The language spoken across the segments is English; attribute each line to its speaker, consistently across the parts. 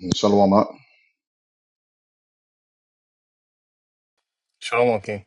Speaker 1: Yeah, Shalom. Ak.
Speaker 2: Shalom, King.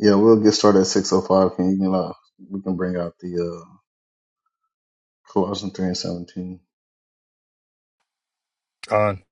Speaker 1: Yeah, we'll get started at six oh five. Can you can uh, we can bring out the uh Colossians three and seventeen.
Speaker 2: Con.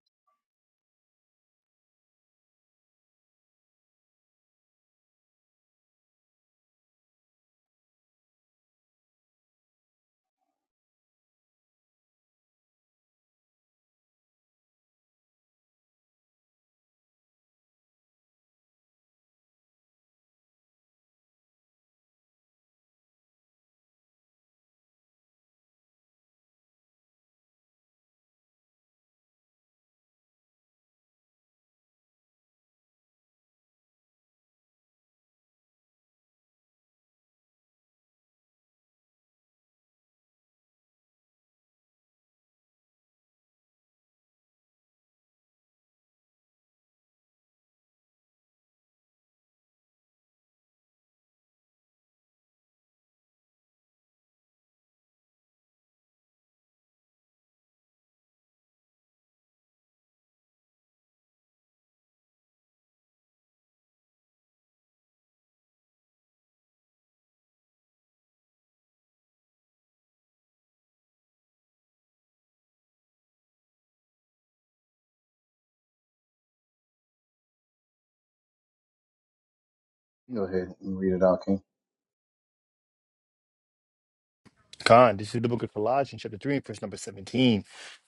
Speaker 1: Go ahead and read it out, King.
Speaker 2: Con. this is the book of Colossians, chapter 3, verse number 17.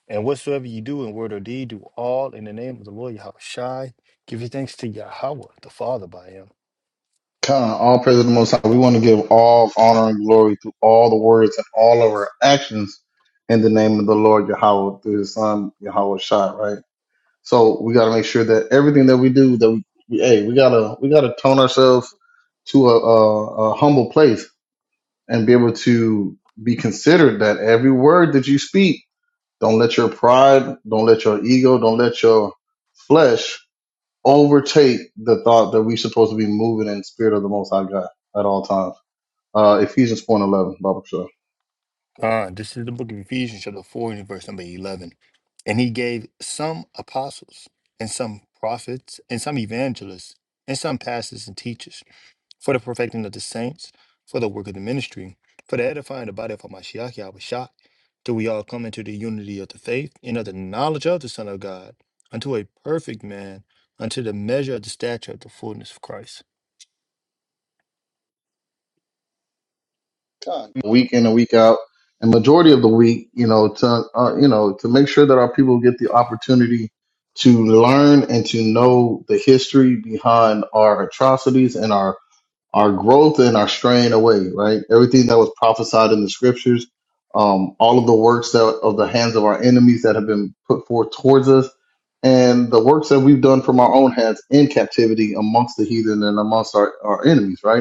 Speaker 2: And whatsoever you do in word or deed, do all in the name of the Lord Yahweh Shai. Give your thanks to Yahweh, the Father, by him.
Speaker 1: Kind of all praise to the Most High. We want to give all honor and glory through all the words and all of our actions in the name of the Lord Yahweh through His Son Yahweh Shai. Right. So we got to make sure that everything that we do, that we, we hey, we gotta we gotta tone ourselves to a, a, a humble place and be able to be considered that every word that you speak Don't let your pride, don't let your ego, don't let your flesh overtake the thought that we're supposed to be moving in the spirit of the Most High God at all times. Uh, Ephesians 4 and 11, Bible show.
Speaker 2: Con. this is the book of Ephesians, chapter 4, and verse number 11. And he gave some apostles, and some prophets, and some evangelists, and some pastors and teachers for the perfecting of the saints, for the work of the ministry, for the edifying the body of Hamashiach Yahushua, till we all come into the unity of the faith and of the knowledge of the Son of God, unto a perfect man, unto the measure of the stature of the fullness of Christ.
Speaker 1: Con. Week in and week out, and majority of the week, you know, to uh, you know, to make sure that our people get the opportunity to learn and to know the history behind our atrocities and our our growth and our straying away, right? Everything that was prophesied in the scriptures, um, all of the works that of the hands of our enemies that have been put forth towards us, and the works that we've done from our own hands in captivity amongst the heathen and amongst our, our enemies, right?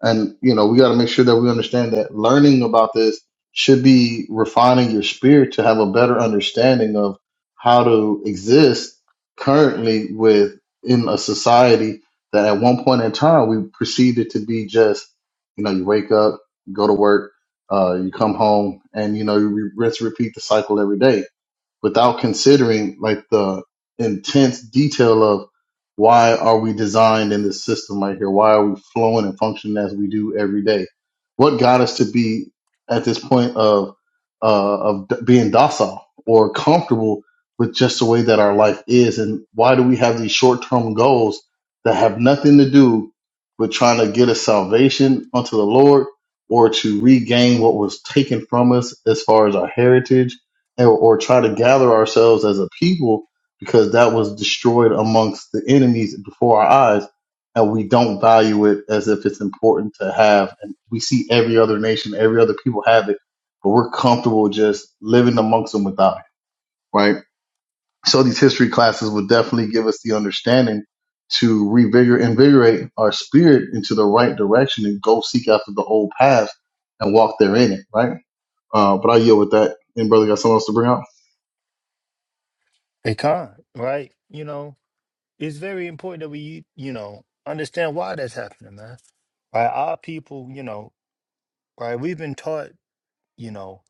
Speaker 1: And you know, we got to make sure that we understand that learning about this should be refining your spirit to have a better understanding of how to exist currently with in a society that at one point in time we perceived it to be just, you know, you wake up, you go to work, uh, you come home, and you know, you re- rinse, repeat the cycle every day without considering like the intense detail of why are we designed in this system right here? Why are we flowing and functioning as we do every day? What got us to be at this point of uh, of d- being docile or comfortable with just the way that our life is, and why do we have these short term goals that have nothing to do with trying to get a salvation unto the Lord or to regain what was taken from us as far as our heritage? or, or try to gather ourselves as a people because that was destroyed amongst the enemies before our eyes and we don't value it as if it's important to have and we see every other nation every other people have it but we're comfortable just living amongst them without it right so these history classes would definitely give us the understanding to revigor invigorate our spirit into the right direction and go seek after the old path and walk therein it right uh, but i yield with that and brother got something else to bring up
Speaker 2: A con, right? You know, it's very important that we, you know, understand why that's happening, man. Right? Our people, you know, right? We've been taught, you know,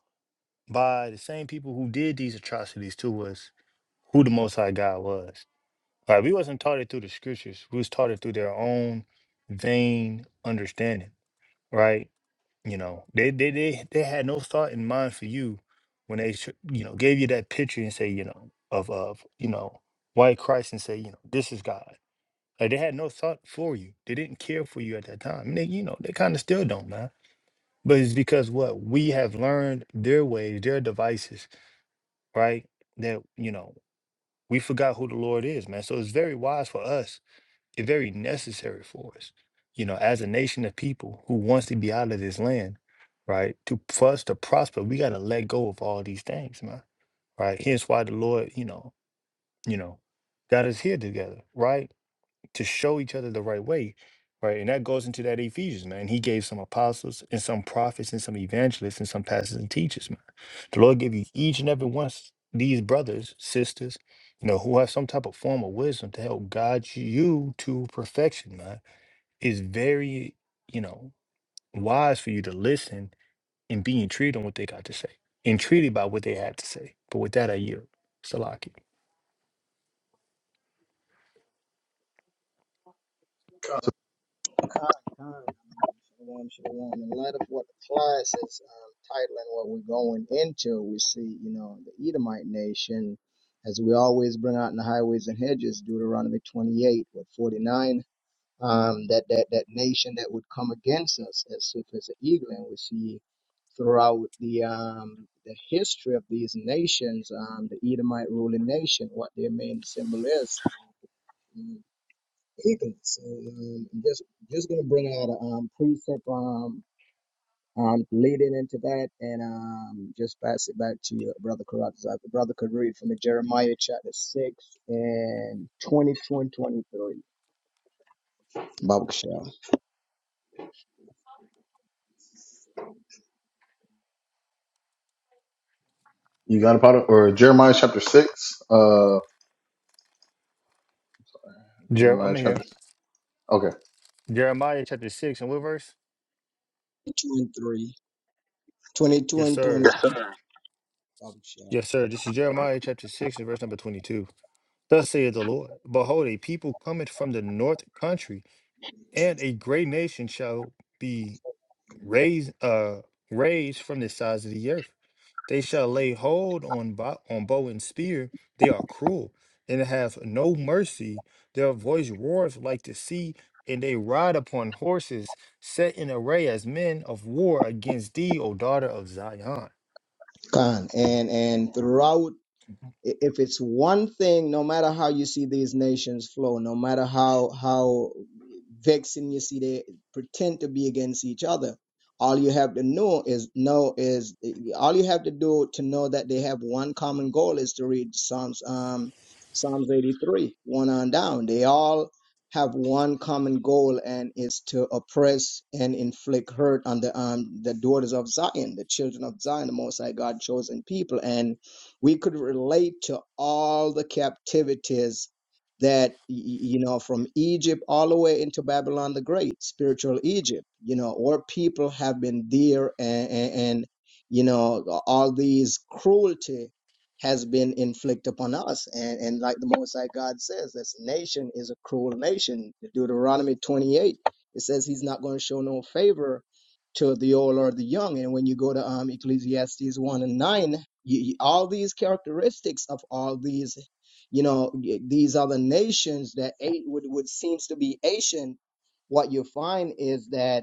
Speaker 2: by the same people who did these atrocities to us, who the Most High God was. Like we wasn't taught it through the scriptures. We was taught it through their own vain understanding, right? You know, they they they they had no thought in mind for you when they sh- you know gave you that picture and say you know of of you know white Christ and say you know this is God. Like they had no thought for you. They didn't care for you at that time. And they you know they kind of still don't, man. But it's because what we have learned their ways, their devices, right? That you know we forgot who the Lord is, man. So it's very wise for us it's very necessary for us, you know, as a nation of people who wants to be out of this land, right? To for us to prosper, we got to let go of all these things, man. Right? Hence why the Lord, you know, you know, got us here together, right? to show each other the right way, right? And that goes into that Ephesians, man. He gave some apostles and some prophets and some evangelists and some pastors and teachers, man. The Lord gave you each and every one of these brothers, sisters, you know, who have some type of form of wisdom to help guide you to perfection, man. It's very, you know, wise for you to listen and be intrigued on what they got to say, intrigued by what they had to say. But with that, I yield. Salaki.
Speaker 3: Con, con, shalom, shalom. In light of what the class is um, titling, what we're going into, we see, you know, the Edomite nation, as we always bring out in the highways and hedges, Deuteronomy 28, what 49, um, that, that, that nation that would come against us as swift as an eagle. And we see throughout the, um, the history of these nations, um, the Edomite ruling nation, what their main symbol is. Mm. Ethan. So um, I'm just just gonna bring out a um, precept um, um leading into that, and um just pass it back to your brother Karat. So the brother could read from the Jeremiah chapter six and 22 and 23. Baruch Shem.
Speaker 1: You got a product or Jeremiah chapter six? Uh,
Speaker 2: Jer-
Speaker 1: Jeremiah
Speaker 2: I'm here.
Speaker 1: chapter. Okay,
Speaker 2: Jeremiah chapter 6, and what verse?
Speaker 3: 22 and 3. 22
Speaker 2: Yes,
Speaker 3: and
Speaker 2: sir.
Speaker 3: 23. Baruch Shem.
Speaker 2: Yes, sir. This is Jeremiah chapter 6 and verse number 22. Thus saith the Lord Behold, a people cometh from the north country, and a great nation shall be raised, uh, raised from the sides of the earth. They shall lay hold on, bo- on bow and spear. They are cruel and have no mercy. Their voice roars like the sea, and they ride upon horses set in array as men of war against thee, O daughter of Zion.
Speaker 3: Khan. And and throughout
Speaker 2: Mm-hmm.
Speaker 3: if it's one thing, no matter how you see these nations flow, no matter how how vexing you see they pretend to be against each other, all you have to know is know is all you have to do to know that they have one common goal is to read Psalms um Psalms 83, one on down. They all have one common goal and is to oppress and inflict hurt on the um the daughters of Zion, the children of Zion, the most high God chosen people. And we could relate to all the captivities that y- you know from egypt all the way into babylon the great spiritual egypt you know where people have been there and, and, and you know all these cruelty has been inflicted upon us and and like the most high god says this nation is a cruel nation deuteronomy 28 it says he's not going to show no favor to the old or the young. And when you go to um, Ecclesiastes 1 and 9, you, all these characteristics of all these, you know, these other nations that would, would seems to be Asian, what you find is that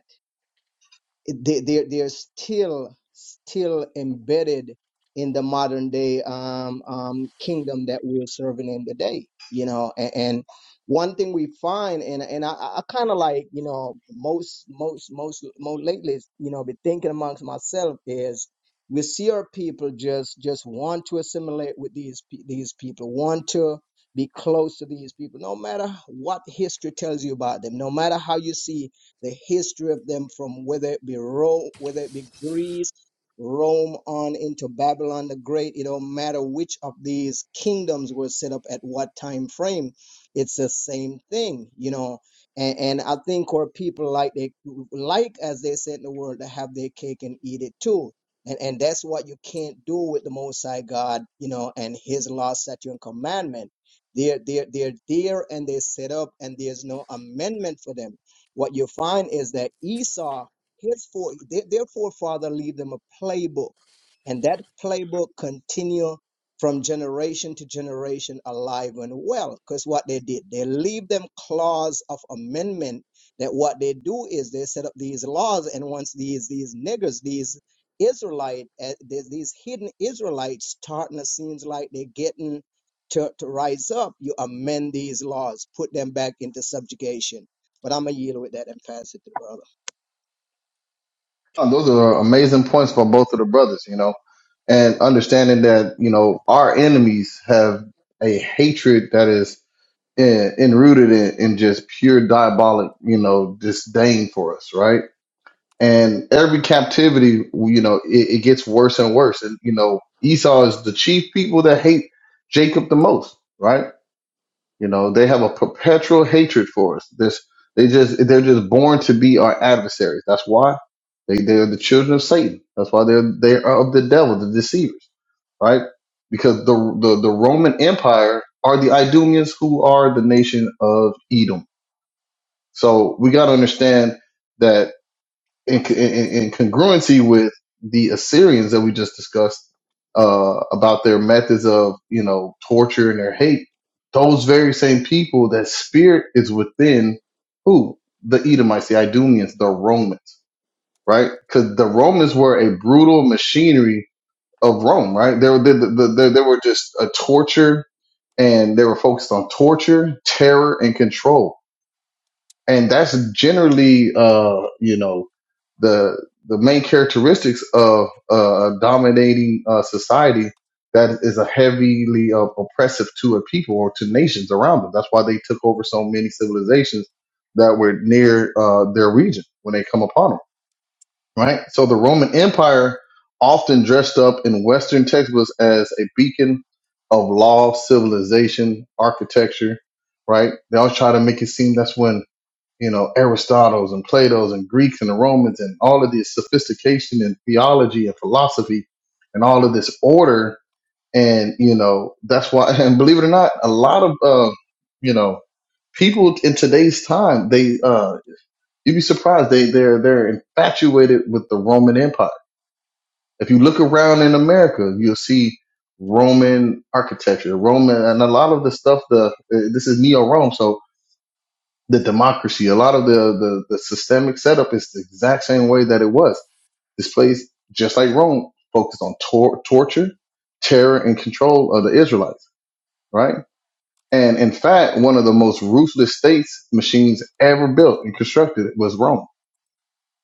Speaker 3: they they they are still still embedded in the modern day um, um, kingdom that we're serving in today. You know, and, and one thing we find, and and I, I kind of like you know most most most most lately, you know, been thinking amongst myself is we see our people just just want to assimilate with these pe- these people, want to be close to these people, no matter what history tells you about them, no matter how you see the history of them from whether it be Rome, whether it be Greece, Rome on into Babylon the Great. It don't matter which of these kingdoms were set up at what time frame. It's the same thing, you know. And, and I think where people like they like, as they said in the world, to have their cake and eat it too. And, and that's what you can't do with the Most High God, you know, and His law, statute, and commandment. They're they're they're there, and they're set up, and there's no amendment for them what you find is that Esau, his fore, their, their forefather leave them a playbook, and that playbook continue from generation to generation alive and well. Because what they did, they leave them clause of amendment that what they do is they set up these laws, and once these these niggers, these Israelite, uh, there's these hidden Israelites starting to seems like they're getting to, to rise up, you amend these laws, put them back into subjugation but I'm gonna yield with that and pass it to brother.
Speaker 1: Uh, those are amazing points for both of the brothers. You know, and understanding that you know our enemies have a hatred that is in, enrooted in, in just pure diabolic, you know, disdain for us, right? And every captivity, you know, it, it gets worse and worse. And you know, Esau is the chief people that hate Jacob the most, right? You know, they have a perpetual hatred for us. This they just they're just born to be our adversaries. That's why they they are the children of Satan. That's why they're they are of the devil, the deceivers, right? Because the the, the Roman Empire are the Idumeans who are the nation of Edom. So we got to understand that in, in, in congruency with the Assyrians that we just discussed uh, about their methods of you know torture and their hate. Those very same people, that spirit is within who the Edomites, the Idumeans, the Romans, right? Because the Romans were a brutal machinery of Rome, right? They were they, they, they, they were just a torture, and they were focused on torture, terror, and control and that's generally uh you know the the main characteristics of uh, a dominating uh, society that is a heavily uh, oppressive to a people or to nations around them. That's why they took over so many civilizations that were near uh, their region when they come upon them, right? So the Roman Empire, often dressed up in Western textbooks as a beacon of law, civilization, architecture, right? They always try to make it seem that's when you know, Aristotle's and Plato's and Greeks and the Romans and all of this sophistication in theology and philosophy and all of this order. And, you know, that's why, and believe it or not, a lot of, uh, you know, people in today's time, they, uh, you'd be surprised. They, they're, they're infatuated with the Roman Empire. If you look around in America, you'll see Roman architecture, Roman, and a lot of the stuff, the, uh, this is Neo Rome. So, the democracy. A lot of the, the, the systemic setup is the exact same way that it was. This place, just like Rome, focused on tor- torture, terror, and control of the Israelites, right? And in fact, one of the most ruthless states machines ever built and constructed was Rome.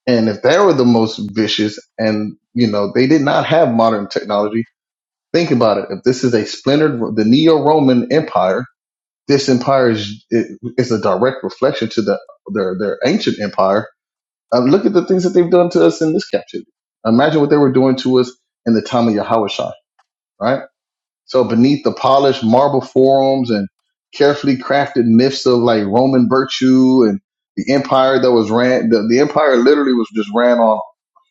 Speaker 1: And if they were the most vicious and, you know, they did not have modern technology, think about it. If this is a splintered, the Neo-Roman empire, this empire is, it, is a direct reflection to the, their, their ancient empire uh, look at the things that they've done to us in this captivity. Imagine what they were doing to us in the time of Yahushua, right? So beneath the polished marble forums and carefully crafted myths of like Roman virtue and the empire that was ran, the, the empire literally was just ran on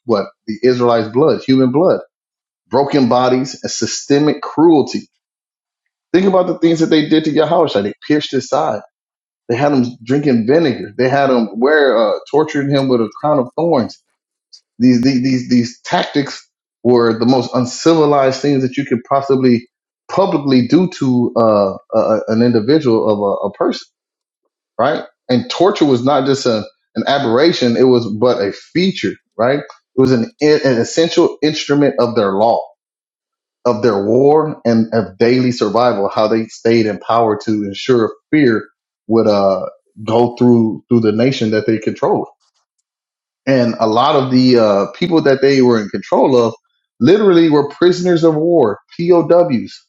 Speaker 1: what the Israelites' blood, human blood, broken bodies, and systemic cruelty. Think about the things that they did to Yahushua. They pierced his side. They had him drinking vinegar. They had him wear, uh, torturing him with a crown of thorns These these these, these tactics were the most uncivilized things that you could possibly publicly do to uh, a, an individual of a, a person, right? And torture was not just a, an aberration; it was but a feature, right? It was an, an essential instrument of their law, of their war, and of daily survival. How they stayed in power to ensure fear would uh, go through through the nation that they controlled and a lot of the uh, people that they were in control of literally were prisoners of war, POWs.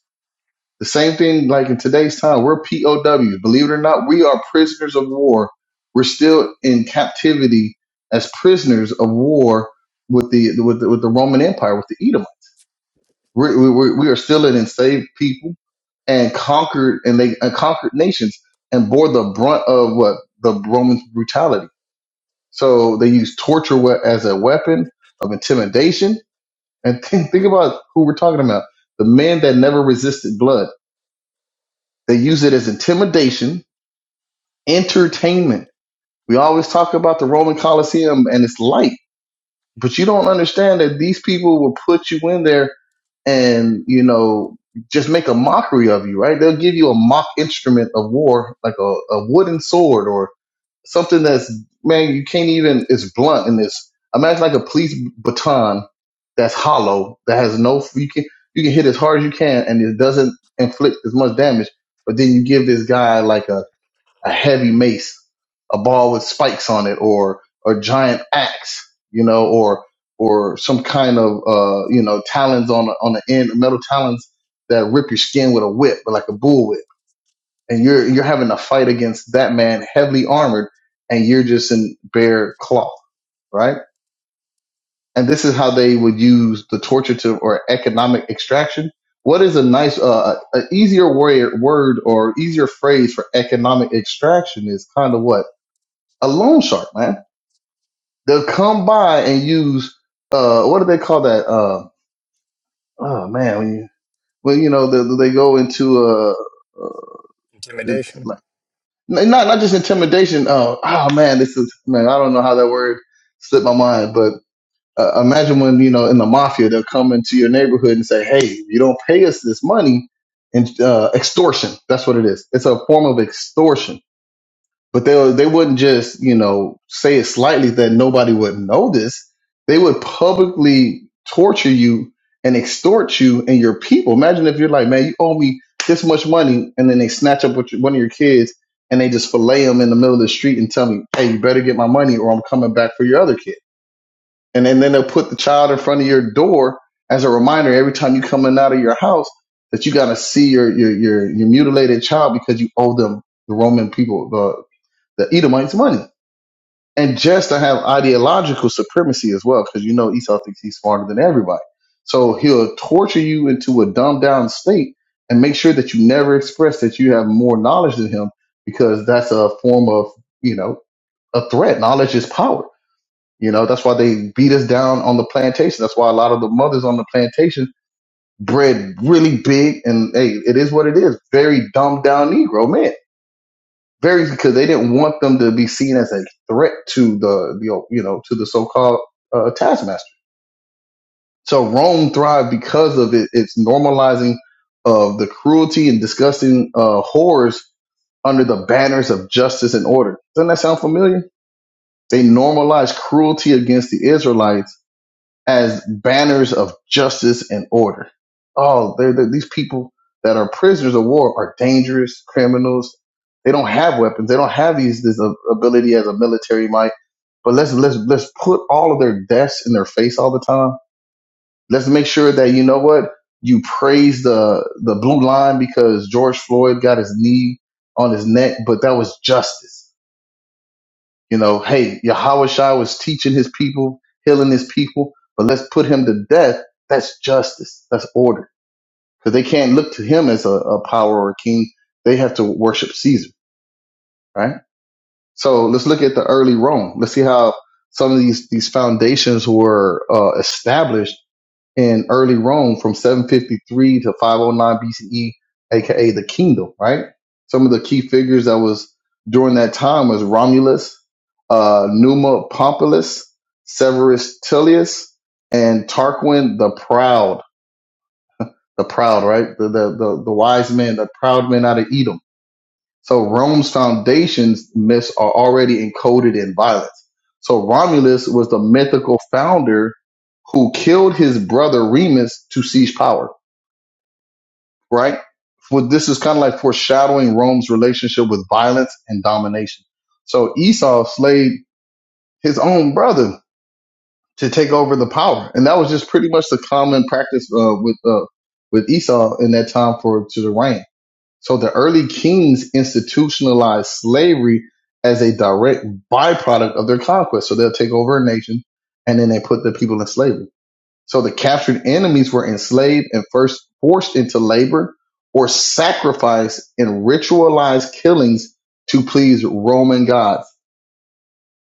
Speaker 1: The same thing like in today's time, we're POWs. Believe it or not, we are prisoners of war. We're still in captivity as prisoners of war with the with the, with the Roman Empire, with the Edomite. We're, we we we are still an enslaved people and conquered and they and conquered nations and bore the brunt of what the Roman brutality. So they use torture we- as a weapon of intimidation. And think, think about who we're talking about. The man that never resisted blood. They use it as intimidation, entertainment. We always talk about the Roman Colosseum and its light, but you don't understand that these people will put you in there and, you know, just make a mockery of you, right? They'll give you a mock instrument of war, like a, a wooden sword or. Something that's man, you can't even. It's blunt in this. Imagine like a police baton that's hollow that has no. You can you can hit as hard as you can and it doesn't inflict as much damage. But then you give this guy like a a heavy mace, a ball with spikes on it, or a giant axe, you know, or or some kind of uh you know talons on the- on the end, metal talons that rip your skin with a whip, but like a bullwhip and you're you're having a fight against that man heavily armored and you're just in bare cloth right and this is how they would use the torture or economic extraction what is a nice uh an easier word word or easier phrase for economic extraction is kind of what a loan shark man they'll come by and use uh what do they call that uh oh man when you when you know they, they go into uh it's like
Speaker 2: Intimidation.
Speaker 1: N- not not just intimidation. Oh, oh man, this is man. I don't know how that word slipped my mind, but uh, imagine when you know in the mafia they'll come into your neighborhood and say, "Hey, if you don't pay us this money," and uh, extortion. That's what it is. It's a form of extortion but they they wouldn't just you know say it slightly that nobody would notice. They would publicly torture you and extort you and your people. Imagine if you're like, man, you owe me this much money, and then they snatch up with your- one of your kids and they just fillet them in the middle of the street and tell me, hey, you better get my money or I'm coming back for your other kid. And then, then they'll put the child in front of your door as a reminder every time you come in out of your house that you gotta see your your your, your mutilated child because you owe them the Roman people the Edomites money. And just to have ideological supremacy as well, because you know Esau thinks he's smarter than everybody. So he'll torture you into a dumbed down state and make sure that you never express that you have more knowledge than him because that's a form of, you know, a threat. Knowledge is power. You know, that's why they beat us down on the plantation. That's why a lot of the mothers on the plantation bred really big and hey, it is what it is. Very dumbed down Negro men very because they didn't want them to be seen as a threat to the the you know to the so-called uh, taskmaster. So Rome thrived because of it, its normalizing of the cruelty and disgusting uh, horrors under the banners of justice and order. Doesn't that sound familiar? They normalized cruelty against the Israelites as banners of justice and order. Oh, they're, they're- these people that are prisoners of war are dangerous criminals. They don't have weapons. They don't have these this uh, ability as a military might. But let's let's let's put all of their deaths in their face all the time. Let's make sure that you know what you praise the the blue line because George Floyd got his knee on his neck, but that was justice. You know, hey, Yahushua was teaching his people, healing his people, but let's put him to death. That's justice. That's order. Because they can't look to him as a, a power or a king. They have to worship Caesar, right? So let's look at the early Rome. Let's see how some of these, these foundations were uh, established in early Rome from 753 to 509 BCE, aka the kingdom, right? Some of the key figures that was during that time was Romulus, uh, Numa Pompilius, Severus Tullius, and Tarquin the Proud. The Proud, right? The, the, the, the wise men, the proud men out of Edom. So Rome's foundations myths are already encoded in violence. So Romulus was the mythical founder who killed his brother Remus to seize power right? For this is kind of like foreshadowing Rome's relationship with violence and domination. So Esau slayed his own brother to take over the power, and that was just pretty much the common practice uh, with uh, with Esau in that time for to the reign. So the early kings institutionalized slavery as a direct byproduct of their conquest. So they'll take over a nation, and then they put the people in slavery. So the captured enemies were enslaved and first forced into labor or sacrificed in ritualized killings to please Roman gods.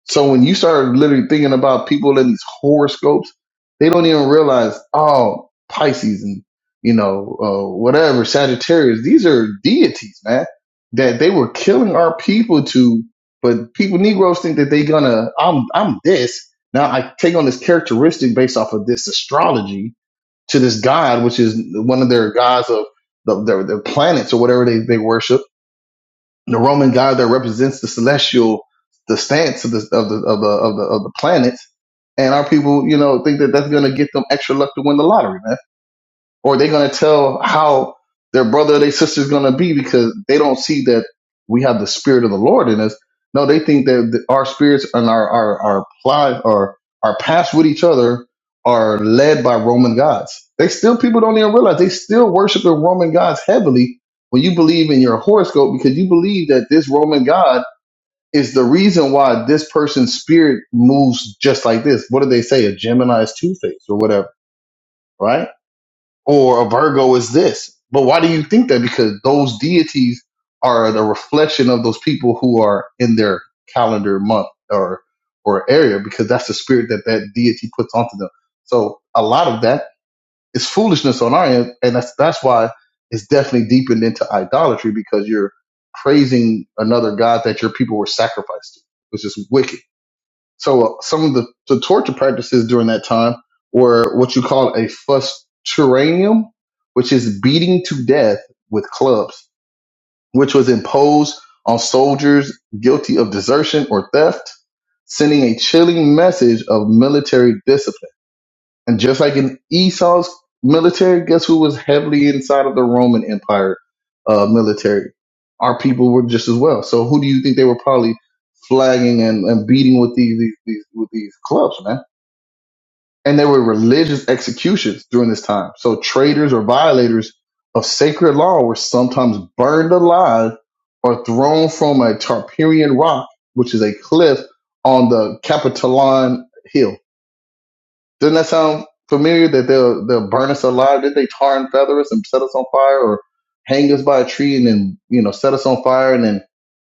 Speaker 1: So when you start literally thinking about people in these horoscopes, they don't even realize, oh, Pisces and you know uh, whatever Sagittarius, these are deities, man. That they were killing our people to, but people Negroes think that they gonna I'm I'm this now. I take on this characteristic based off of this astrology, to this god, which is one of their gods of the, their, their planets or whatever they, they worship. The Roman god that represents the celestial, the stance of the of the of the of the, of the planets. And our people, you know, think that that's going to get them extra luck to win the lottery, man or they're going to tell how their brother or their sister is going to be because they don't see that we have the spirit of the Lord in us. No, they think that th- our spirits and our our our pli or our past with each other are led by Roman gods. They still people don't even realize they still worship the Roman gods heavily. When you believe in your horoscope, because you believe that this Roman god is the reason why this person's spirit moves just like this. What do they say? A Gemini is two faced or whatever, right? or a Virgo is this. But why do you think that? Because those deities are the reflection of those people who are in their calendar month or or area, because that's the spirit that that deity puts onto them. So a lot of that is foolishness on our end, and that's that's why it's definitely deepened into idolatry because you're praising another god that your people were sacrificed to, which is wicked. So uh, some of the, the torture practices during that time were what you call a fusteranium, which is beating to death with clubs, which was imposed on soldiers guilty of desertion or theft, sending a chilling message of military discipline. And just like in Esau's military, guess who was heavily inside of the Roman Empire uh, military? Our people were just as well. So who do you think they were probably flagging and, and beating with these, these these with these clubs, man? And there were religious executions during this time. So traitors or violators of sacred law were sometimes burned alive or thrown from a Tarpeian rock, which is a cliff on the Capitoline Hill doesn't that sound familiar? That they'll they'll burn us alive? Did they tar and feather us and set us on fire, or hang us by a tree and then you know set us on fire and then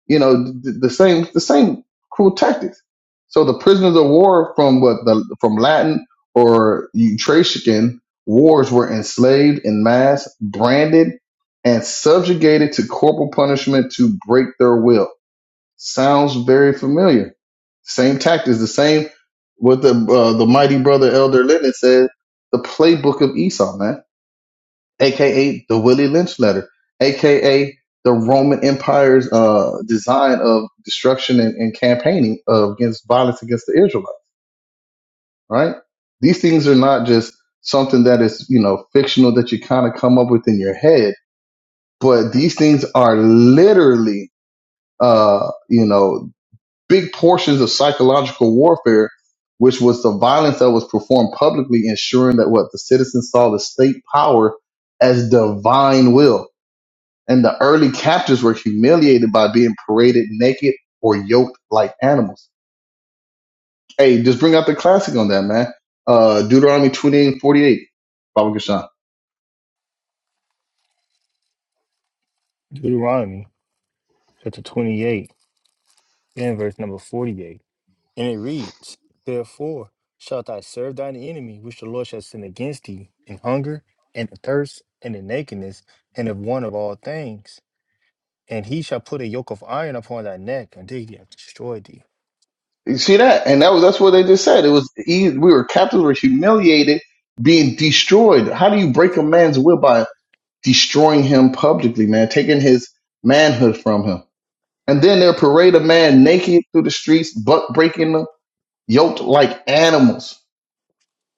Speaker 1: you know the, the same the same cruel tactics. So the prisoners of war from what the from Latin or Etruscan wars were enslaved in mass, branded, and subjugated to corporal punishment to break their will. Sounds very familiar. Same tactics, the same what the uh, the mighty brother Elder Lennon said. The playbook of Esau, man, aka the Willie Lynch letter, aka the Roman Empire's uh, design of destruction and, and campaigning of against violence against the Israelites. Right? These things are not just something that is you know fictional that you kind of come up with in your head, but these things are literally uh, you know big portions of psychological warfare, which was the violence that was performed publicly, ensuring that what the citizens saw the state power as divine will. And the early captives were humiliated by being paraded naked or yoked like animals. Hey, just bring out the classic on that, man. Uh, Deuteronomy 28 and 48. Baba Gashan.
Speaker 2: Deuteronomy chapter 28 and verse number 48. And it reads, Therefore shalt thou serve thine enemy, which the Lord shall send against thee, in hunger, and in thirst, and in nakedness, and of want of all things. And he shall put a yoke of iron upon thy neck until he hath destroyed thee.
Speaker 1: You see that? And that was, that's what they just said. It was, e- we were captives, were humiliated, being destroyed. How do you break a man's will by destroying him publicly, man, taking his manhood from him. And then they'll parade a man naked through the streets, buck breaking them, yoked like animals.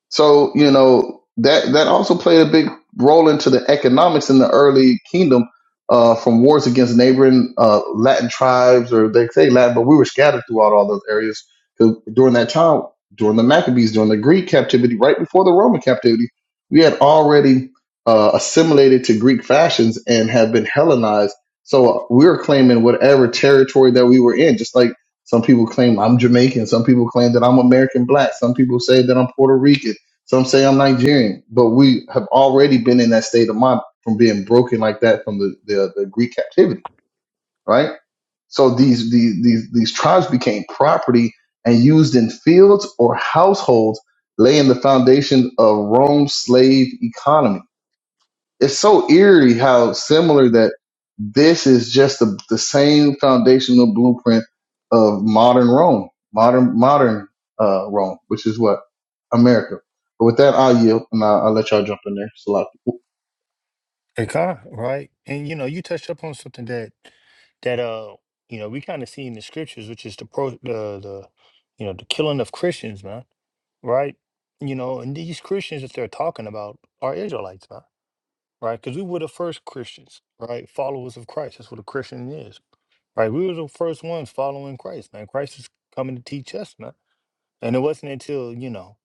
Speaker 1: So you know that that also played a big role into the economics in the early kingdom uh, from wars against neighboring uh, Latin tribes, or they say Latin, but we were scattered throughout all those areas 'Cause during that time, during the Maccabees, during the Greek captivity, right before the Roman captivity, we had already uh, assimilated to Greek fashions and had been Hellenized. So uh, we were claiming whatever territory that we were in, just like some people claim I'm Jamaican. Some people claim that I'm American black. Some people say that I'm Puerto Rican some say I'm Nigerian, but we have already been in that state of mind from being broken like that from the, the, uh, the Greek captivity, right? So these, these these these tribes became property and used in fields or households, laying the foundation of Rome's slave economy. It's so eerie how similar that this is just the, the same foundational blueprint of modern Rome, modern modern uh, Rome, which is what America. But with that, I'll yield and I'll, I'll let y'all jump in there. Salaki,
Speaker 2: Hey, God, right? And you know, you touched upon something that that uh you know we kind of see in the scriptures which is the pro the the you know the killing of christians man right you know and these christians that they're talking about are israelites man right? Because we were the first Christians, right? Followers of Christ. That's what a Christian is, right? We were the first ones following Christ, man. Christ is coming to teach us, man. And it wasn't until, you know,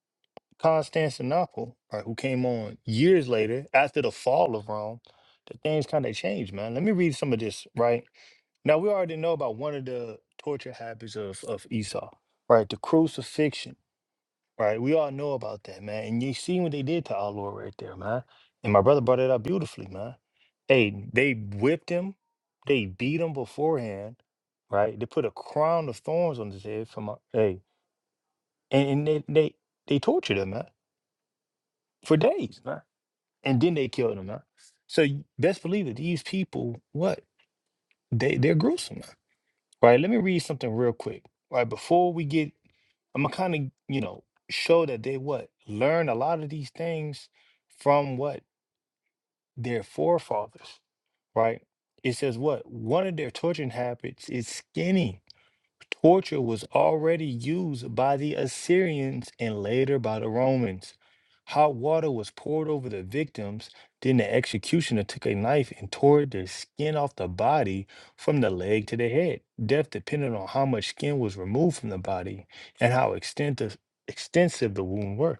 Speaker 2: Constantinople, right, who came on years later after the fall of Rome, that things kind of changed, man. Let me read some of this, right? Now, we already know about one of the torture habits of, of Esau, right? The crucifixion Right, we all know about that, man. And you seen what they did to our Lord right there, man. And my brother brought it up beautifully, man. Hey, they whipped him, they beat him beforehand, right? They put a crown of thorns on his head from a hey, and, and they, they they tortured him, man, for days, man. And then they killed him, man. So you best believe it, these people, what? They they're gruesome, right? Let me read something real quick, right? Before we get, I'm gonna kind of, you know, show that they what learn a lot of these things from what their forefathers, right? It says what one of their torturing habits is skinning. Torture was already used by the Assyrians and later by the Romans. Hot water was poured over the victims, then the executioner took a knife and tore the skin off the body from the leg to the head. Death depended on how much skin was removed from the body and how extensive extensive the wound were.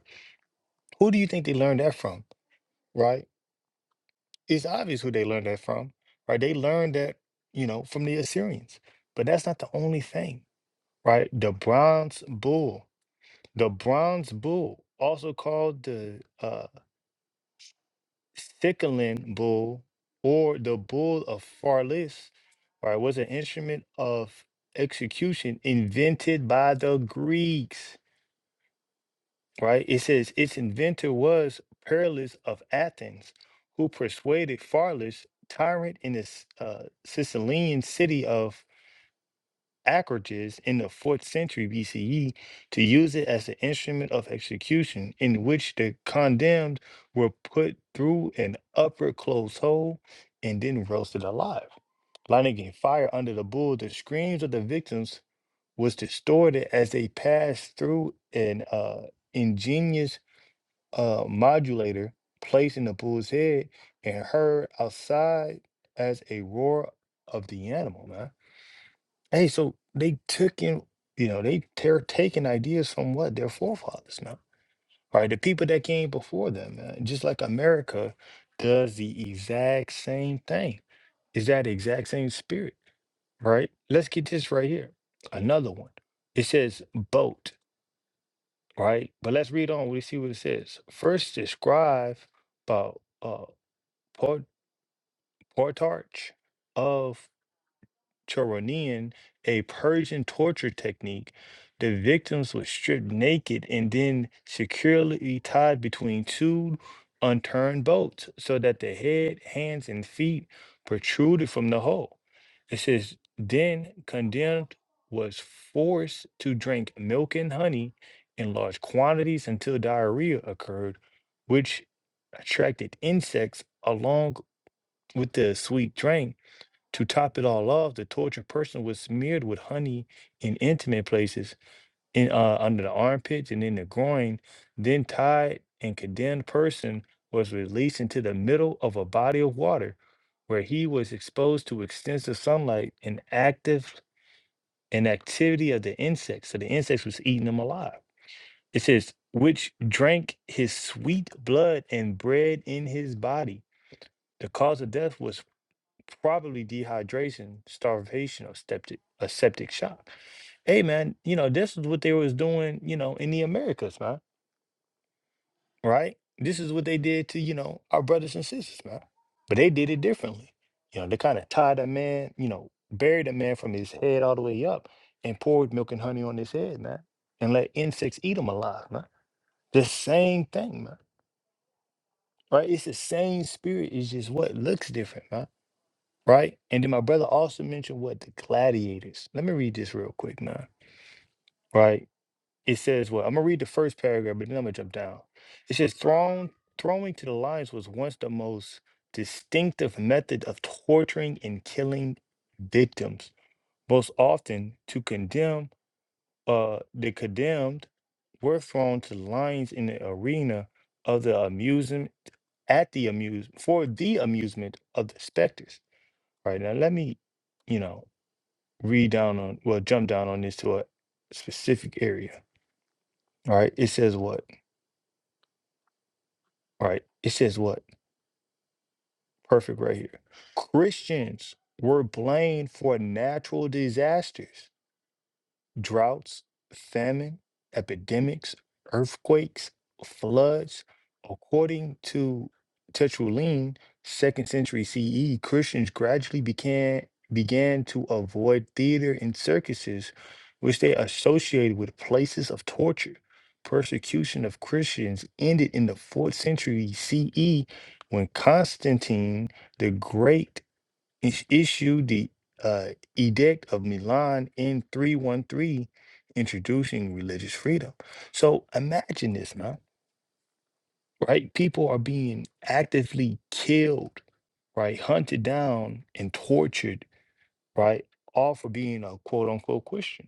Speaker 2: Who do you think they learned that from? Right? It's obvious who they learned that from. Right? They learned that, you know, from the Assyrians. But that's not the only thing right? The bronze bull, the bronze bull, also called the uh, Sickelin bull or the bull of Farlis, right, was an instrument of execution invented by the Greeks, right? It says its inventor was Perillus of Athens, who persuaded Farlis, tyrant in the S- uh, Sicilian city of Acrates in the 4th century BCE to use it as an instrument of execution, in which the condemned were put through an upper closed hole and then roasted alive. Lighting a fire under the bull, the screams of the victims was distorted as they passed through an uh, ingenious uh, modulator placed in the bull's head and heard outside as a roar of the animal, man. Hey, so they took in, you know, they they're taking ideas from what? Their forefathers now. Right? The people that came before them, man. Just like America does the exact same thing. Is that exact same spirit, right? Let's get this right here. Another one. It says boat, right? But let's read on. We see what it says. First describe about uh port portage of Choronean, a Persian torture technique, the victims were stripped naked and then securely tied between two unturned bolts so that the head, hands, and feet protruded from the hole. It says, then condemned was forced to drink milk and honey in large quantities until diarrhea occurred, which attracted insects along with the sweet drink to top it all off, the tortured person was smeared with honey in intimate places, in uh, under the armpits and in the groin. Then tied and condemned person was released into the middle of a body of water, where he was exposed to extensive sunlight and active and activity of the insects. So the insects was eating him alive. It says, which drank his sweet blood and bread in his body. The cause of death was probably dehydration, starvation, or septic a septic shock. Hey man, you know, this is what they was doing, you know, in the Americas, man. Right? This is what they did to, you know, our brothers and sisters, man. But they did it differently. You know, they kind of tied a man, you know, buried a man from his head all the way up and poured milk and honey on his head, man. And let insects eat him alive, man. The same thing, man. Right? It's the same spirit. It's just what looks different, man right? And then my brother also mentioned what the gladiators. Let me read this real quick now, right? It says, well, I'm gonna read the first paragraph, but then I'm gonna jump down. It says, thrown throwing to the lions was once the most distinctive method of torturing and killing victims. Most often, to condemn, uh, the condemned were thrown to the lions in the arena of the amusement at the amuse for the amusement of the specters. Right now, let me, you know. read down on, well, jump down on this to a specific area. All right. It says what? All right. It says what? Perfect right here. Christians were blamed for natural disasters droughts, famine, epidemics, earthquakes, floods. According to Tertullian, second century CE, Christians gradually began began to avoid theater and circuses, which they associated with places of torture. Persecution of Christians ended in the fourth century CE when Constantine the Great is- issued the uh, Edict of Milan in 313, introducing religious freedom. So imagine this, man, right? People are being actively killed, right? Hunted down and tortured, right? All for being a quote unquote Christian.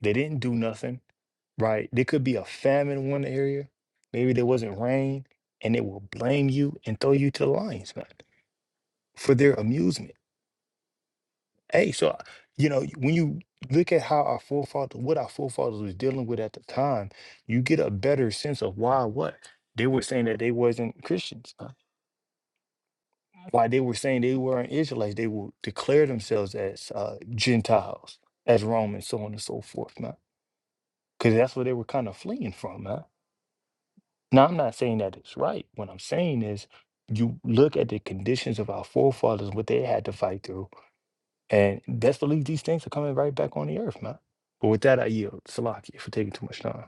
Speaker 2: They didn't do nothing, right? There could be a famine in one area, maybe there wasn't rain, and they will blame you and throw you to the lions, man, for their amusement Hey, so you know, when you look at how our forefathers, what our forefathers was dealing with at the time, you get a better sense of why what they were saying that they wasn't Christians, uh, why they were saying they weren't Israelites. They will declare themselves as uh, Gentiles, as Romans, so on and so forth, man. Because that's what they were kind of fleeing from, man. Now, I'm not saying that it's right. What I'm saying is, you look at the conditions of our forefathers, what they had to fight through And best believe these things are coming right back on the earth, man. But with that, I yield. Salakia for taking too much time.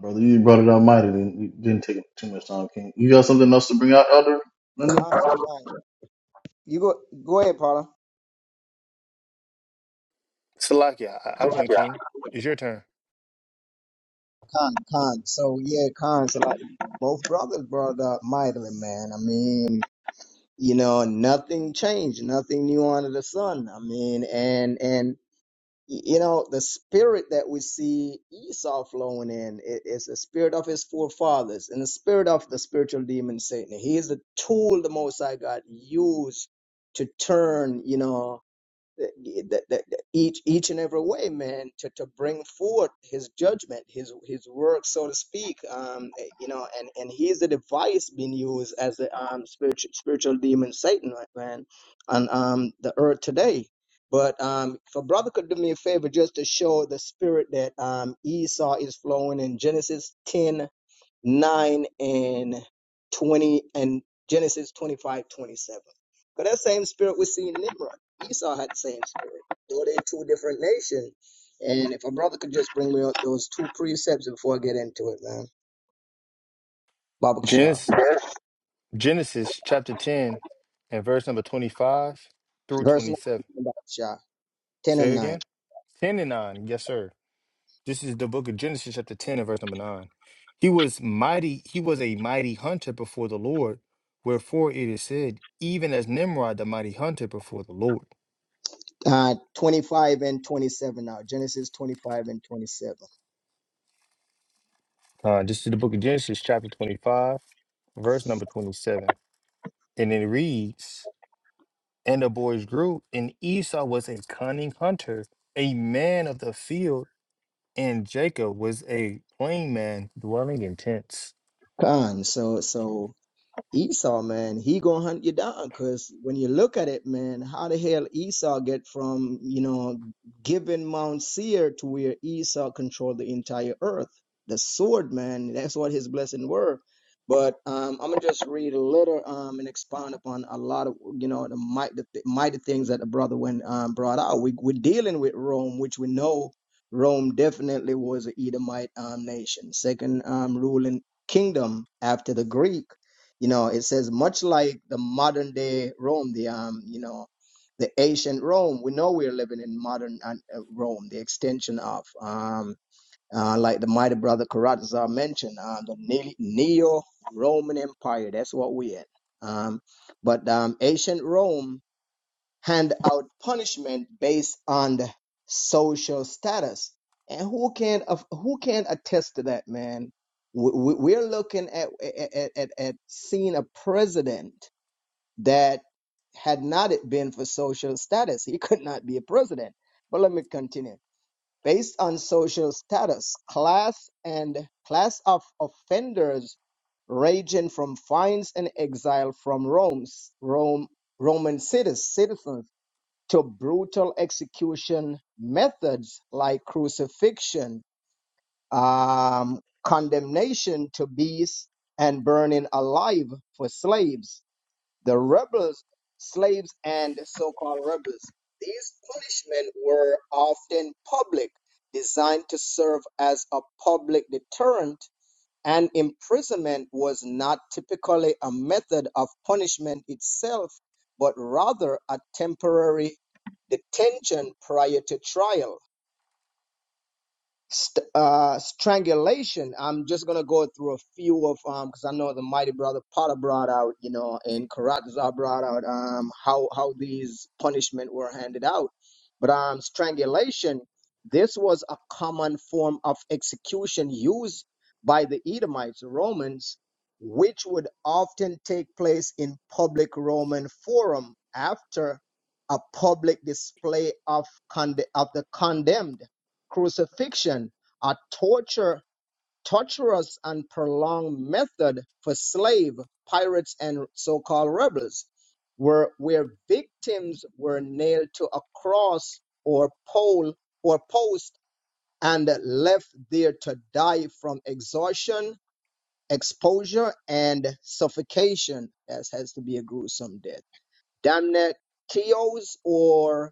Speaker 1: brother, you brought it up mighty. Didn't, you didn't take up too much time, King. You got something else to bring out, Elder Linden?
Speaker 3: Khan, Khan. You go go ahead, Paula.
Speaker 2: Salakia, I, I win, King. It's your turn.
Speaker 3: Khan, Khan. So yeah, Khan. So like both brothers brought up mightily, man. I mean, you know, nothing changed, nothing new under the sun. I mean, and and y- you know, the spirit that we see Esau flowing in i- is the spirit of his forefathers and the spirit of the spiritual demon Satan. He is the tool the Most High God used to turn, you know. that, that, that each each and every way, man, to, to bring forth his judgment, his his work, so to speak. Um, eh, you know, and and he's the device being used as the um spiritual spiritual demon Satan, right, man, on um the earth today. But um, if a brother could do me a favor, just to show the spirit that um Esau is flowing in Genesis ten. 9 and 20 and Genesis 25 27. But that same spirit we see in Nimrod. Esau had the same spirit, though they're two different nations. And if a brother could just bring me up those two precepts before I get into it, man. Babak Shah.
Speaker 2: Genesis, Genesis chapter 10 and verse number 25 through
Speaker 3: Verse 9,
Speaker 2: 27.
Speaker 3: Babak Shah, 10
Speaker 2: Say
Speaker 3: and
Speaker 2: it
Speaker 3: 9.
Speaker 2: again. 10 and 9. Yes, sir. This is the book of Genesis chapter 10 and verse number 9. He was mighty, he was a mighty hunter before the Lord, wherefore it is said, even as Nimrod the mighty hunter before the Lord.
Speaker 3: Uh, 25 and 27 now. Genesis 25 and 27.
Speaker 2: Uh, this is the book of Genesis, chapter 25, verse number 27. And it reads, And the boys grew, and Esau was a cunning hunter, a man of the field, and Jacob was a plain man dwelling in tents.
Speaker 3: Come on. So, so Esau, man, he gonna hunt you down. Cause when you look at it, man, how the hell Esau get from you know giving Mount Seir to where Esau controlled the entire earth? The sword, man, that's what his blessing were. But um, I'm gonna just read a little um, and expound upon a lot of you know the mighty, the mighty things that the brother went um, brought out. We, we're dealing with Rome, which we know Rome definitely was an Edomite um, nation, second um, ruling kingdom after the Greek you know, it says much like the modern day Rome, the um, you know, the ancient Rome. We know we're living in modern uh, uh, Rome, the extension of um, uh, like the mighty brother Karatza mentioned, uh, the neo Roman Empire. That's what we're in. Um, but um, ancient Rome hand out punishment based on the social status. And who can aff- who can attest to that, man? We- we- We're looking at at, at at seeing a president that had not it been for social status, he could not be a president. But let me continue. Based on social status, class and class of offenders ranging from fines and exile from Rome's Rome Roman cities, citizens to brutal execution methods like crucifixion, um, condemnation to beasts, and burning alive for slaves, the rebels, slaves, and so called rebels. These punishments were often public, designed to serve as a public deterrent and imprisonment was not typically a method of punishment itself, but rather a temporary detention prior to trial st- uh, strangulation. I'm just gonna go through a few of um because I know the mighty brother Potter brought out, you know, and Karatza brought out um how how these punishment were handed out. But um strangulation, this was a common form of execution used by the Edomites, Romans, which would often take place in public Roman forum after a public display of conde- of the condemned crucifixion, a torture, torturous and prolonged method for slave, pirates, and so-called rebels, where, where victims were nailed to a cross or pole or post and left there to die from exhaustion, exposure, and suffocation, as has to be a gruesome death. Damnatio or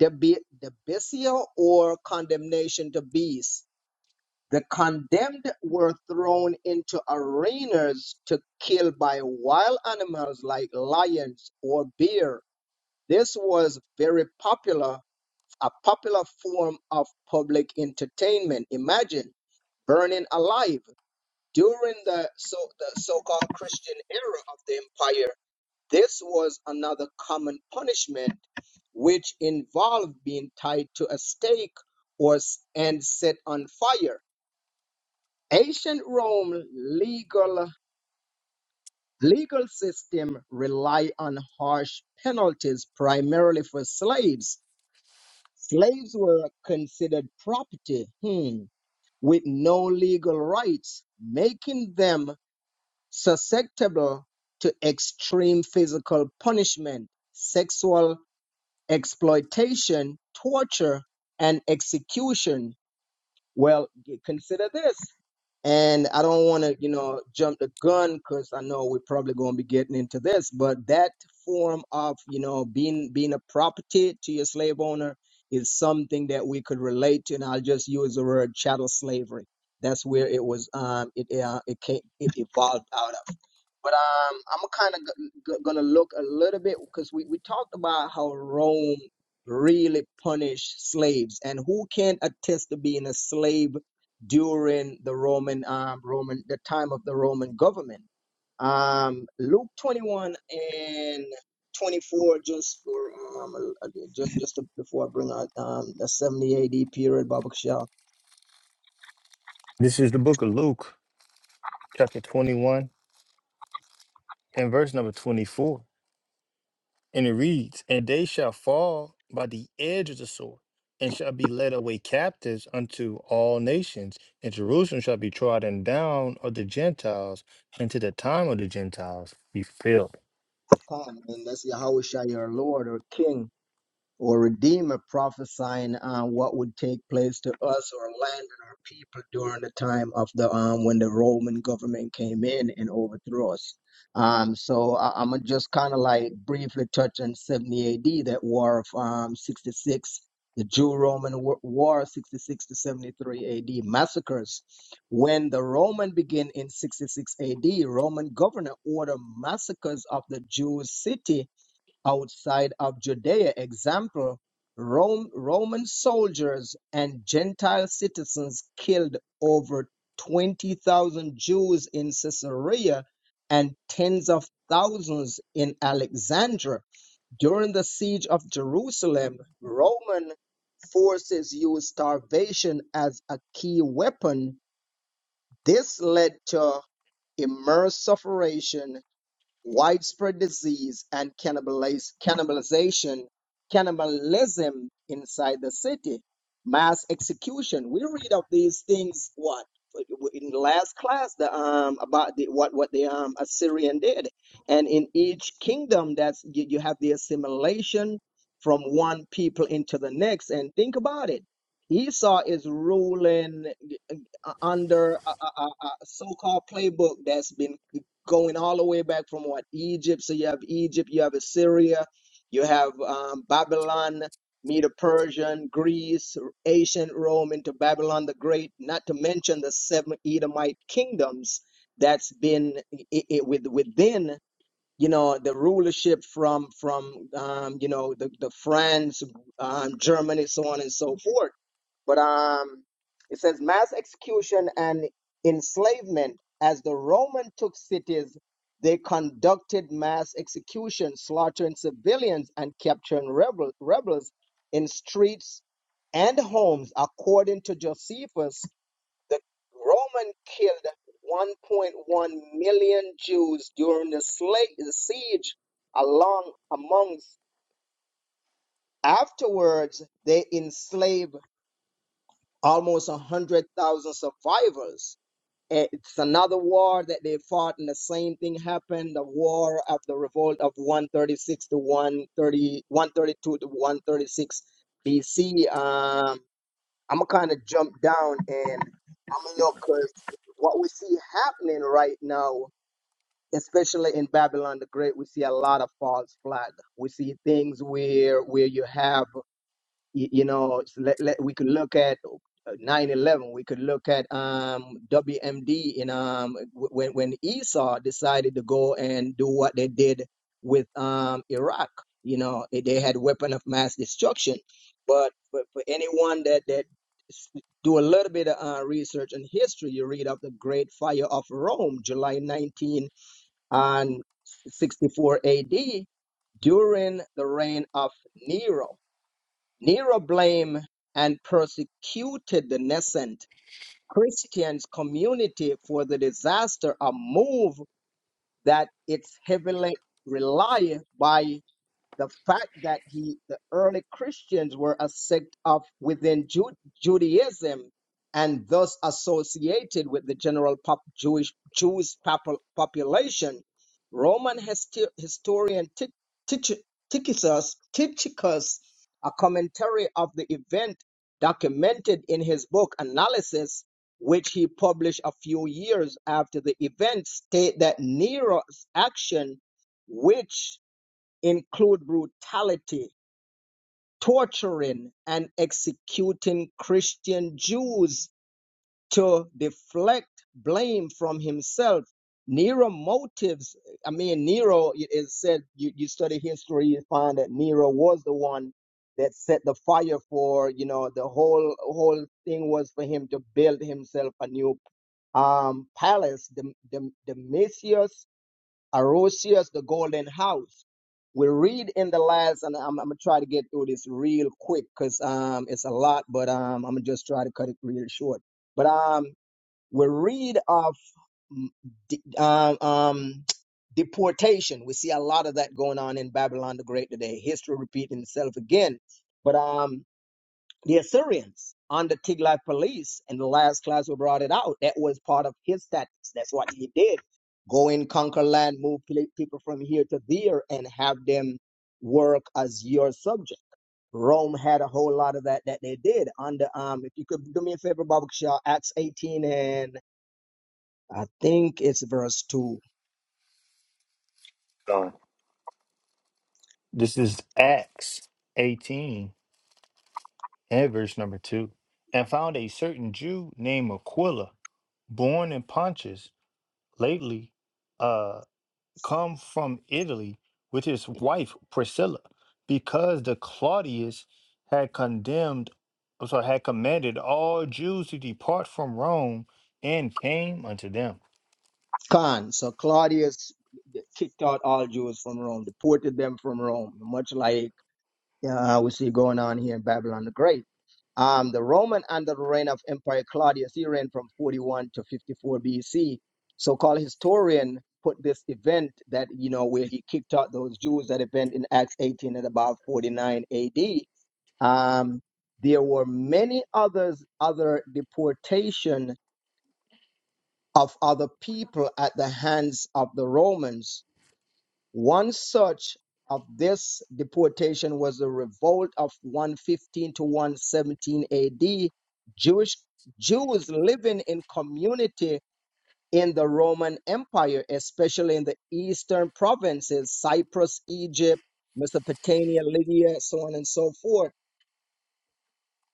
Speaker 3: debi- debitio or condemnation to beasts The condemned were thrown into arenas to kill by wild animals like lions or bear. This was very popular, a popular form of public entertainment. Imagine burning alive during the so the so-called Christian era of the empire. This was another common punishment, which involved being tied to a stake or s- and set on fire. Ancient Rome legal legal system rely on harsh penalties primarily for slaves. Slaves were considered property hmm, with no legal rights, making them susceptible to extreme physical punishment, sexual exploitation, torture, and execution. Well, g- consider this. And I don't want to, you know, jump the gun because I know we're probably going to be getting into this, but that form of, you know, being being a property to your slave owner is something that we could relate to. And I'll just use the word chattel slavery. That's where it was, um, it uh, it came, it evolved out of. But um, I'm kind of g- g- gonna look a little bit because we, we talked about how Rome really punished slaves, and who can attest to being a slave during the Roman um Roman the time of the Roman government. Um, Luke 21 and 24, just for um, a- a- just just before I bring out um the 70 AD period, Baba Kishal,
Speaker 2: This is the book of Luke, chapter 21, and verse number 24. And it reads, And they shall fall by the edge of the sword, and shall be led away captives unto all nations, and Jerusalem shall be trodden down of the Gentiles, and to the time of the Gentiles be filled.
Speaker 3: and that's Yahweh Shai, your Lord or King or Redeemer prophesying on what would take place to us or land and our people during the time of the um when the Roman government came in and overthrew us. Um, so I, I'm gonna just kind of like briefly touch on 70 AD, that war of um 66, the Jew-Roman Wa- War 66 to 73 AD massacres. When the Roman begin in 66 AD, Roman governor ordered massacres of the Jewish city Outside of Judea, example, Rome, Roman soldiers and Gentile citizens killed over 20,000 Jews in Caesarea and tens of thousands in Alexandria. During the siege of Jerusalem, Roman forces used starvation as a key weapon. This led to immense suffering widespread disease and cannibaliz- cannibalization, cannibalism inside the city, mass execution. We read of these things what in the last class the um about the what what the um Assyrian did, and in each kingdom that's you, you have the assimilation from one people into the next. And think about it. Esau is ruling uh, under a, a, a a so-called playbook that's been going all the way back from what Egypt. So you have Egypt, you have Assyria, you have um, Babylon, Medo Persian, Greece, ancient Rome into Babylon the Great. Not to mention the seven Edomite kingdoms that's been i i with within you know the rulership from from um, you know the the France, um, Germany, so on and so forth but um, it says mass execution and enslavement. As the Roman took cities, they conducted mass execution, slaughtering civilians and capturing rebel, rebels in streets and homes. According to Josephus, the Roman killed 1.1 million Jews during the, slave, the siege, along amongst afterwards they enslaved almost 100,000 survivors. It's another war that they fought, and the same thing happened the war of the revolt of 136 to one thirty one thirty two to 136 BC. Um, I'm going to kind of jump down and I'm going to look because what we see happening right now, especially in Babylon the Great, we see a lot of false flag. We see things where, where you have you, you know it's let, let, we could look at oh, uh, 9-11 we could look at um wmd in um w- when when esau decided to go and do what they did with um iraq you know eh, they had weapon of mass destruction but for, for anyone that that s- do a little bit of uh, research and history you read of the great fire of rome july 19 and 64 ad during the reign of nero Nero blamed and persecuted the nascent Christian community for the disaster, a move that it's heavily relied by the fact that he the early christians were a sect of within Ju- judaism and thus associated with the general pop- jewish jewish popu- population roman histi- historian Ti- Tich- tychicus tychicus a commentary of the event documented in his book analysis which he published a few years after the event state that nero's action which include brutality, torturing, and executing Christian Jews to deflect blame from himself. Nero motives, I mean, Nero it is said, you, you study history, you find that Nero was the one that set the fire for, you know, the whole whole thing was for him to build himself a new um, palace, the, the, the Domitius Arosius, the golden house. We read in the last, and I'm, I'm gonna try to get through this real quick because um, it's a lot, but um, I'm gonna just try to cut it real short. But um, we read of mm, de- um, um, deportation. We see a lot of that going on in Babylon the Great today. History repeating itself again. But um, the Assyrians under Tiglath-Pileser, in the last class we brought it out. That was part of his tactics. That's what he did: go and conquer land, move people from here to there, and have them work as your subject. Rome had a whole lot of that that they did under. Um, if you could do me a favor, Baba Shaw, Acts 18 and I think it's verse two.
Speaker 2: Done. This is Acts 18 and verse number 2. And found a certain Jew named Aquila, born in Pontus, lately uh, come from Italy with his wife Priscilla, because the Claudius had condemned, or sorry, had commanded all Jews to depart from Rome and came unto them.
Speaker 3: Con. So Claudius kicked out all Jews from Rome, deported them from Rome, much like Yeah, uh, we see going on here in Babylon the Great. Um, the Roman under the reign of Emperor Claudius, he reigned from 41 to 54 BC. So-called historian put this event that you know where he kicked out those Jews. That event in Acts 18 at about 49 AD. Um, there were many others other deportation of other people at the hands of the Romans one such of this deportation was the revolt of 115 to 117 AD. Jewish Jews living in community in the Roman Empire, especially in the eastern provinces, Cyprus, Egypt, Mesopotamia, Lydia, so on and so forth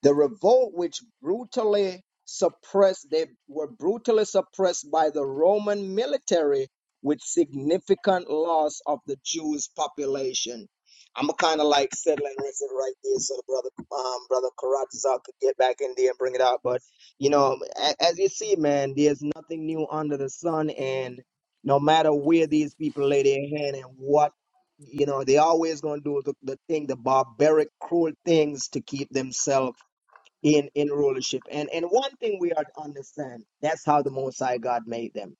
Speaker 3: the revolt which brutally suppressed they were brutally suppressed by the Roman military with significant loss of the Jewish population. I'm kind of like settling this right there so the brother um brother Karatza could get back in there and bring it out. But you know, a- as you see, man, there's nothing new under the sun and no matter where these people lay their hand and what you know, they always gonna do the, the thing, the barbaric, cruel things to keep themselves in in rulership. And and one thing we are to understand that's how the Most High God made them.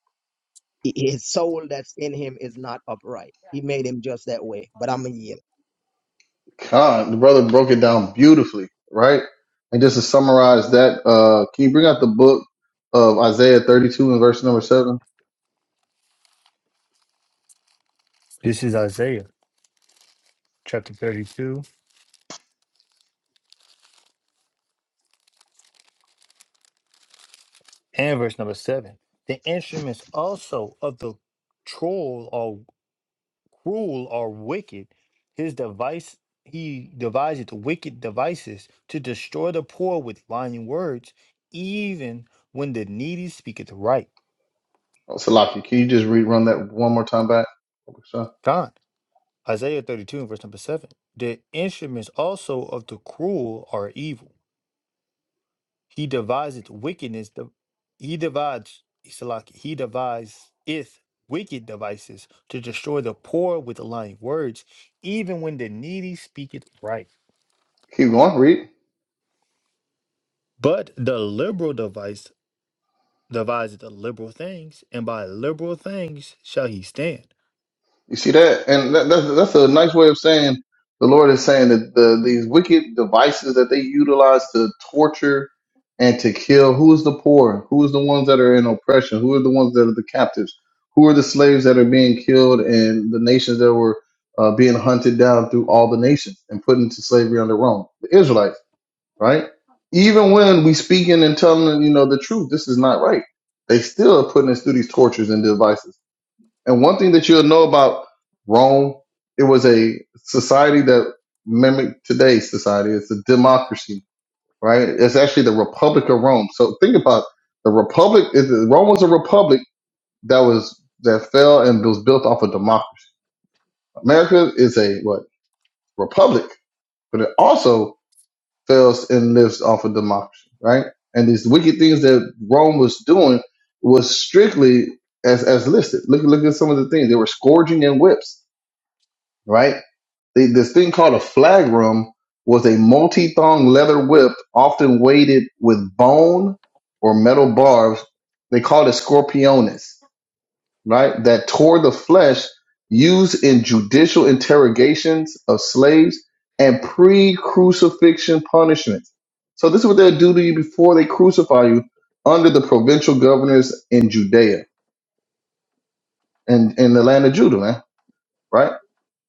Speaker 3: He- His soul that's in him is not upright. He made him just that way. But I'm a yield.
Speaker 1: God, the brother broke it down beautifully, right? And just to summarize that, uh, can you bring out the book of Isaiah 32 and verse number seven?
Speaker 2: This is Isaiah chapter 32 and verse number 7. The instruments also of the troll cruel or wicked. His device he devised wicked devices to destroy the poor with lying words, even when the needy speaketh right.
Speaker 1: Oh, Salafi, can you just rerun that one more time back? Okay, So,
Speaker 2: John, Isaiah 32 and verse number 7. The instruments also of the cruel are evil. He deviseth wickedness. de- He devised, Salaki, he devised wicked devices to destroy the poor with lying words, even when the needy speaketh right.
Speaker 1: Keep going, read.
Speaker 2: But the liberal device devised the advisor to liberal things, and by liberal things shall he stand.
Speaker 1: You see that, and that, that's that's a nice way of saying the Lord is saying that the these wicked devices that they utilize to torture and to kill. Who is the poor? Who is the ones that are in oppression? Who are the ones that are the captives? Who are the slaves that are being killed and the nations that were uh, being hunted down through all the nations and put into slavery under Rome? The Israelites right? Even when we speaking and telling them, you know, the truth, this is not right. They still are putting us through these tortures and devices. And one thing that you'll know about Rome, it was a society that mimicked today's society. It's a democracy, right? It's actually the Republic of Rome. So think about the Republic. is- Rome was a republic that was that fell and was built off of democracy. America is a what republic, but it also fails and lives off of democracy, right? And these wicked things that Rome was doing was strictly as as listed. Look look at some of the things they were scourging and whips, right? They, this thing called a flagrum was a multi thong leather whip, often weighted with bone or metal barbs. They called it scorpionis right, that tore the flesh used in judicial interrogations of slaves and pre crucifixion punishments. So, this is what they'll do to you before they crucify you under the provincial governors in Judea and in the land of Judah, man, right?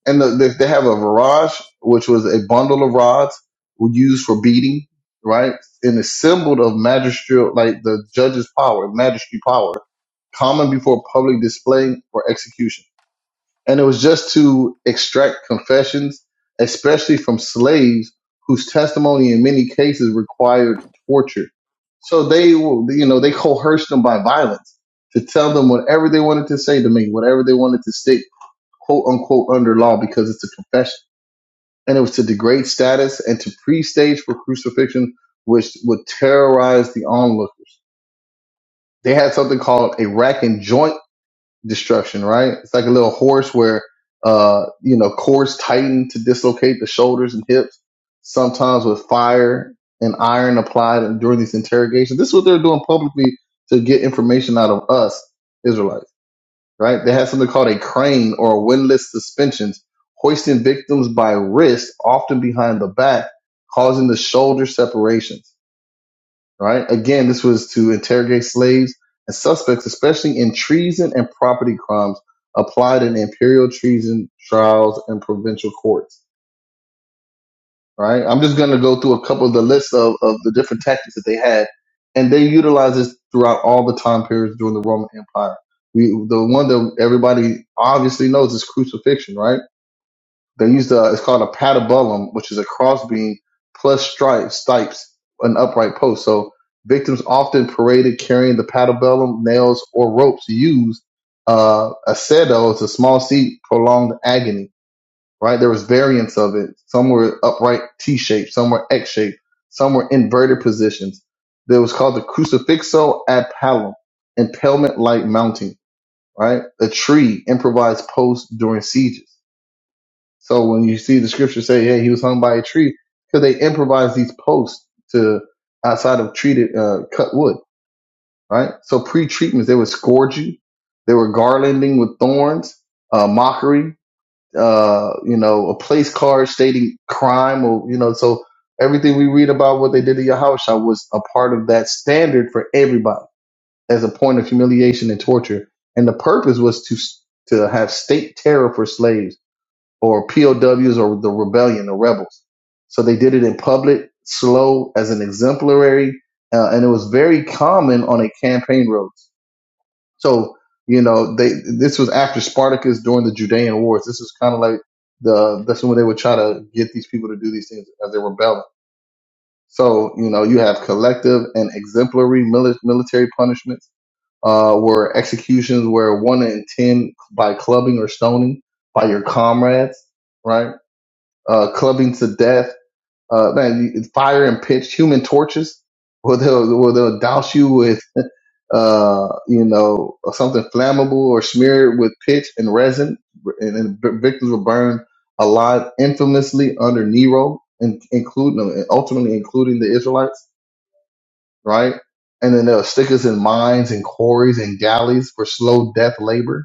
Speaker 1: And the, they they have a virage, which was a bundle of rods used for beating, right? And it's symbol of magisterial, like the judge's power, magistrate power, common before public display or execution and it was just to extract confessions, especially from slaves whose testimony in many cases required torture. So they, you know, they coerced them by violence to tell them whatever they wanted to say to me, whatever they wanted to stick, quote unquote, under law because it's a confession. And it was to degrade status and to pre-stage for crucifixion, which would terrorize the onlookers. They had something called a rack and joint destruction, right? It's like a little horse where, uh, you know, cords tighten to dislocate the shoulders and hips, sometimes with fire and iron applied and during these interrogations. This is what they're doing publicly to get information out of us, Israelites, right? They had something called a crane or windlass suspensions, hoisting victims by wrist, often behind the back, causing the shoulder separations right? Again, this was to interrogate slaves and suspects, especially in treason and property crimes applied in imperial treason trials and provincial courts, right? I'm just going to go through a couple of the lists of, of the different tactics that they had, and they utilized this throughout all the time periods during the Roman Empire. We, the one that everybody obviously knows is crucifixion, right? They used a, it's called a patibulum, which is a crossbeam plus stripes, stipes, an upright post. So victims often paraded carrying the patibulum, nails, or ropes used. Uh, aceto is a small seat, prolonged agony, right? There was variants of it. Some were upright T-shaped, some were X-shaped, some were inverted positions. There was called the crucifixo ad palum, impalement-like mounting, right? A tree, improvised post during sieges so when you see the scripture say, "Hey, he was hung by a tree," because they improvised these posts to outside of treated uh, cut wood, right? So pre-treatments, they would scourge you, they were garlanding with thorns, uh, mockery, uh, you know, a place card stating crime, or you know, so everything we read about what they did to Yahusha was a part of that standard for everybody as a point of humiliation and torture, and the purpose was to to have state terror for slaves or POWs or the rebellion, the rebels. So they did it in public, slow, as an exemplary, uh, and it was very common on a campaign roads. So you know, they this was after Spartacus during the Judean Wars. This is kind of like the that's when they would try to get these people to do these things as they were rebelling. So you know, you have collective and exemplary mili- military punishments. Uh, were executions where one in ten by clubbing or stoning by your comrades right? uh, clubbing to death, uh, man, fire and pitch, human torches, where they'll, where they'll douse you with, uh, you know, something flammable or smear it with pitch and resin, and, and the victims were burned alive infamously under Nero, in, including no, ultimately including the Israelites, right? And then there were stickers in mines and quarries and galleys for slow death labor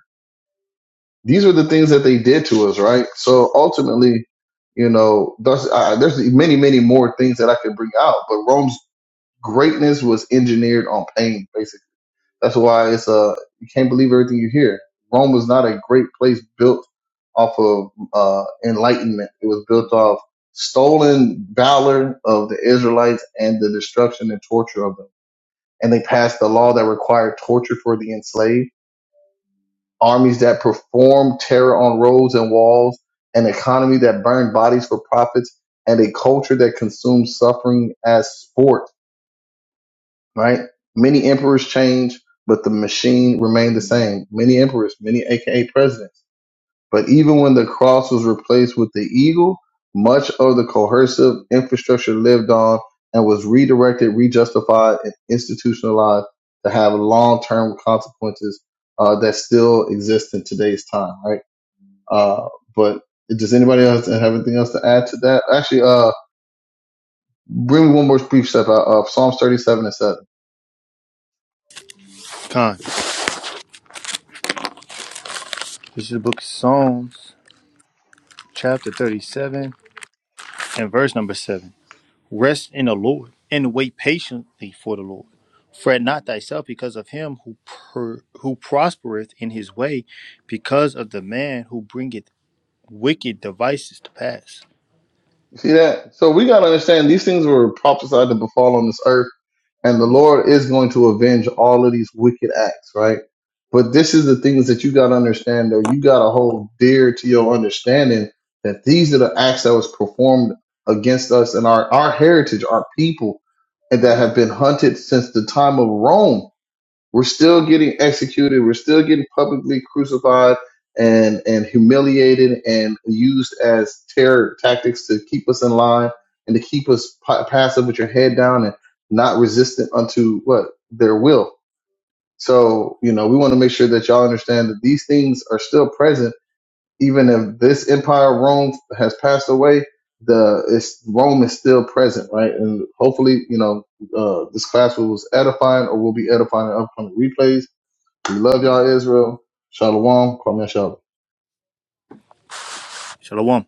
Speaker 1: these are the things that they did to us, right? So ultimately, you know, thus, uh, there's many, many more things that I could bring out, but Rome's greatness was engineered on pain, basically. That's why it's uh you can't believe everything you hear. Rome was not a great place built off of uh enlightenment. It was built off stolen valor of the Israelites and the destruction and torture of them. And they passed the law that required torture for the enslaved armies that performed terror on roads and walls, an economy that burned bodies for profits, and a culture that consumed suffering as sport, right? Many emperors changed, but the machine remained the same. Many emperors, many AKA presidents. But even when the cross was replaced with the eagle, much of the coercive infrastructure lived on and was redirected, rejustified, and institutionalized to have long term consequences uh, that still exist in today's time, right? Uh, but does anybody else have anything else to add to that? Actually, uh, bring me one more brief step out of Psalms 37 and 7.
Speaker 2: Con. This is the book of Psalms, chapter 37, and verse number 7. Rest in the Lord, and wait patiently for the Lord. Fret not thyself because of him who per, who prospereth in his way, because of the man who bringeth wicked devices to pass.
Speaker 1: See that? So we got to understand these things were prophesied to befall on this earth, and the Lord is going to avenge all of these wicked acts, right? But this is the things that you got to understand, though. You got to hold dear to your understanding that these are the acts that was performed against us and our, our heritage, our people, and that have been hunted since the time of Rome We're still getting executed. We're still getting publicly crucified and, and humiliated and used as terror tactics to keep us in line and to keep us pa- passive with your head down and not resistant unto what their will. So, you know, we want to make sure that y'all understand that these things are still present. Even if this empire, Rome, has passed away, the it's, Rome is still present, right? And hopefully, you know, uh, this class was edifying or will be edifying in upcoming replays we love y'all, Israel. Shalom. Kwame Shalom.
Speaker 2: Shalom.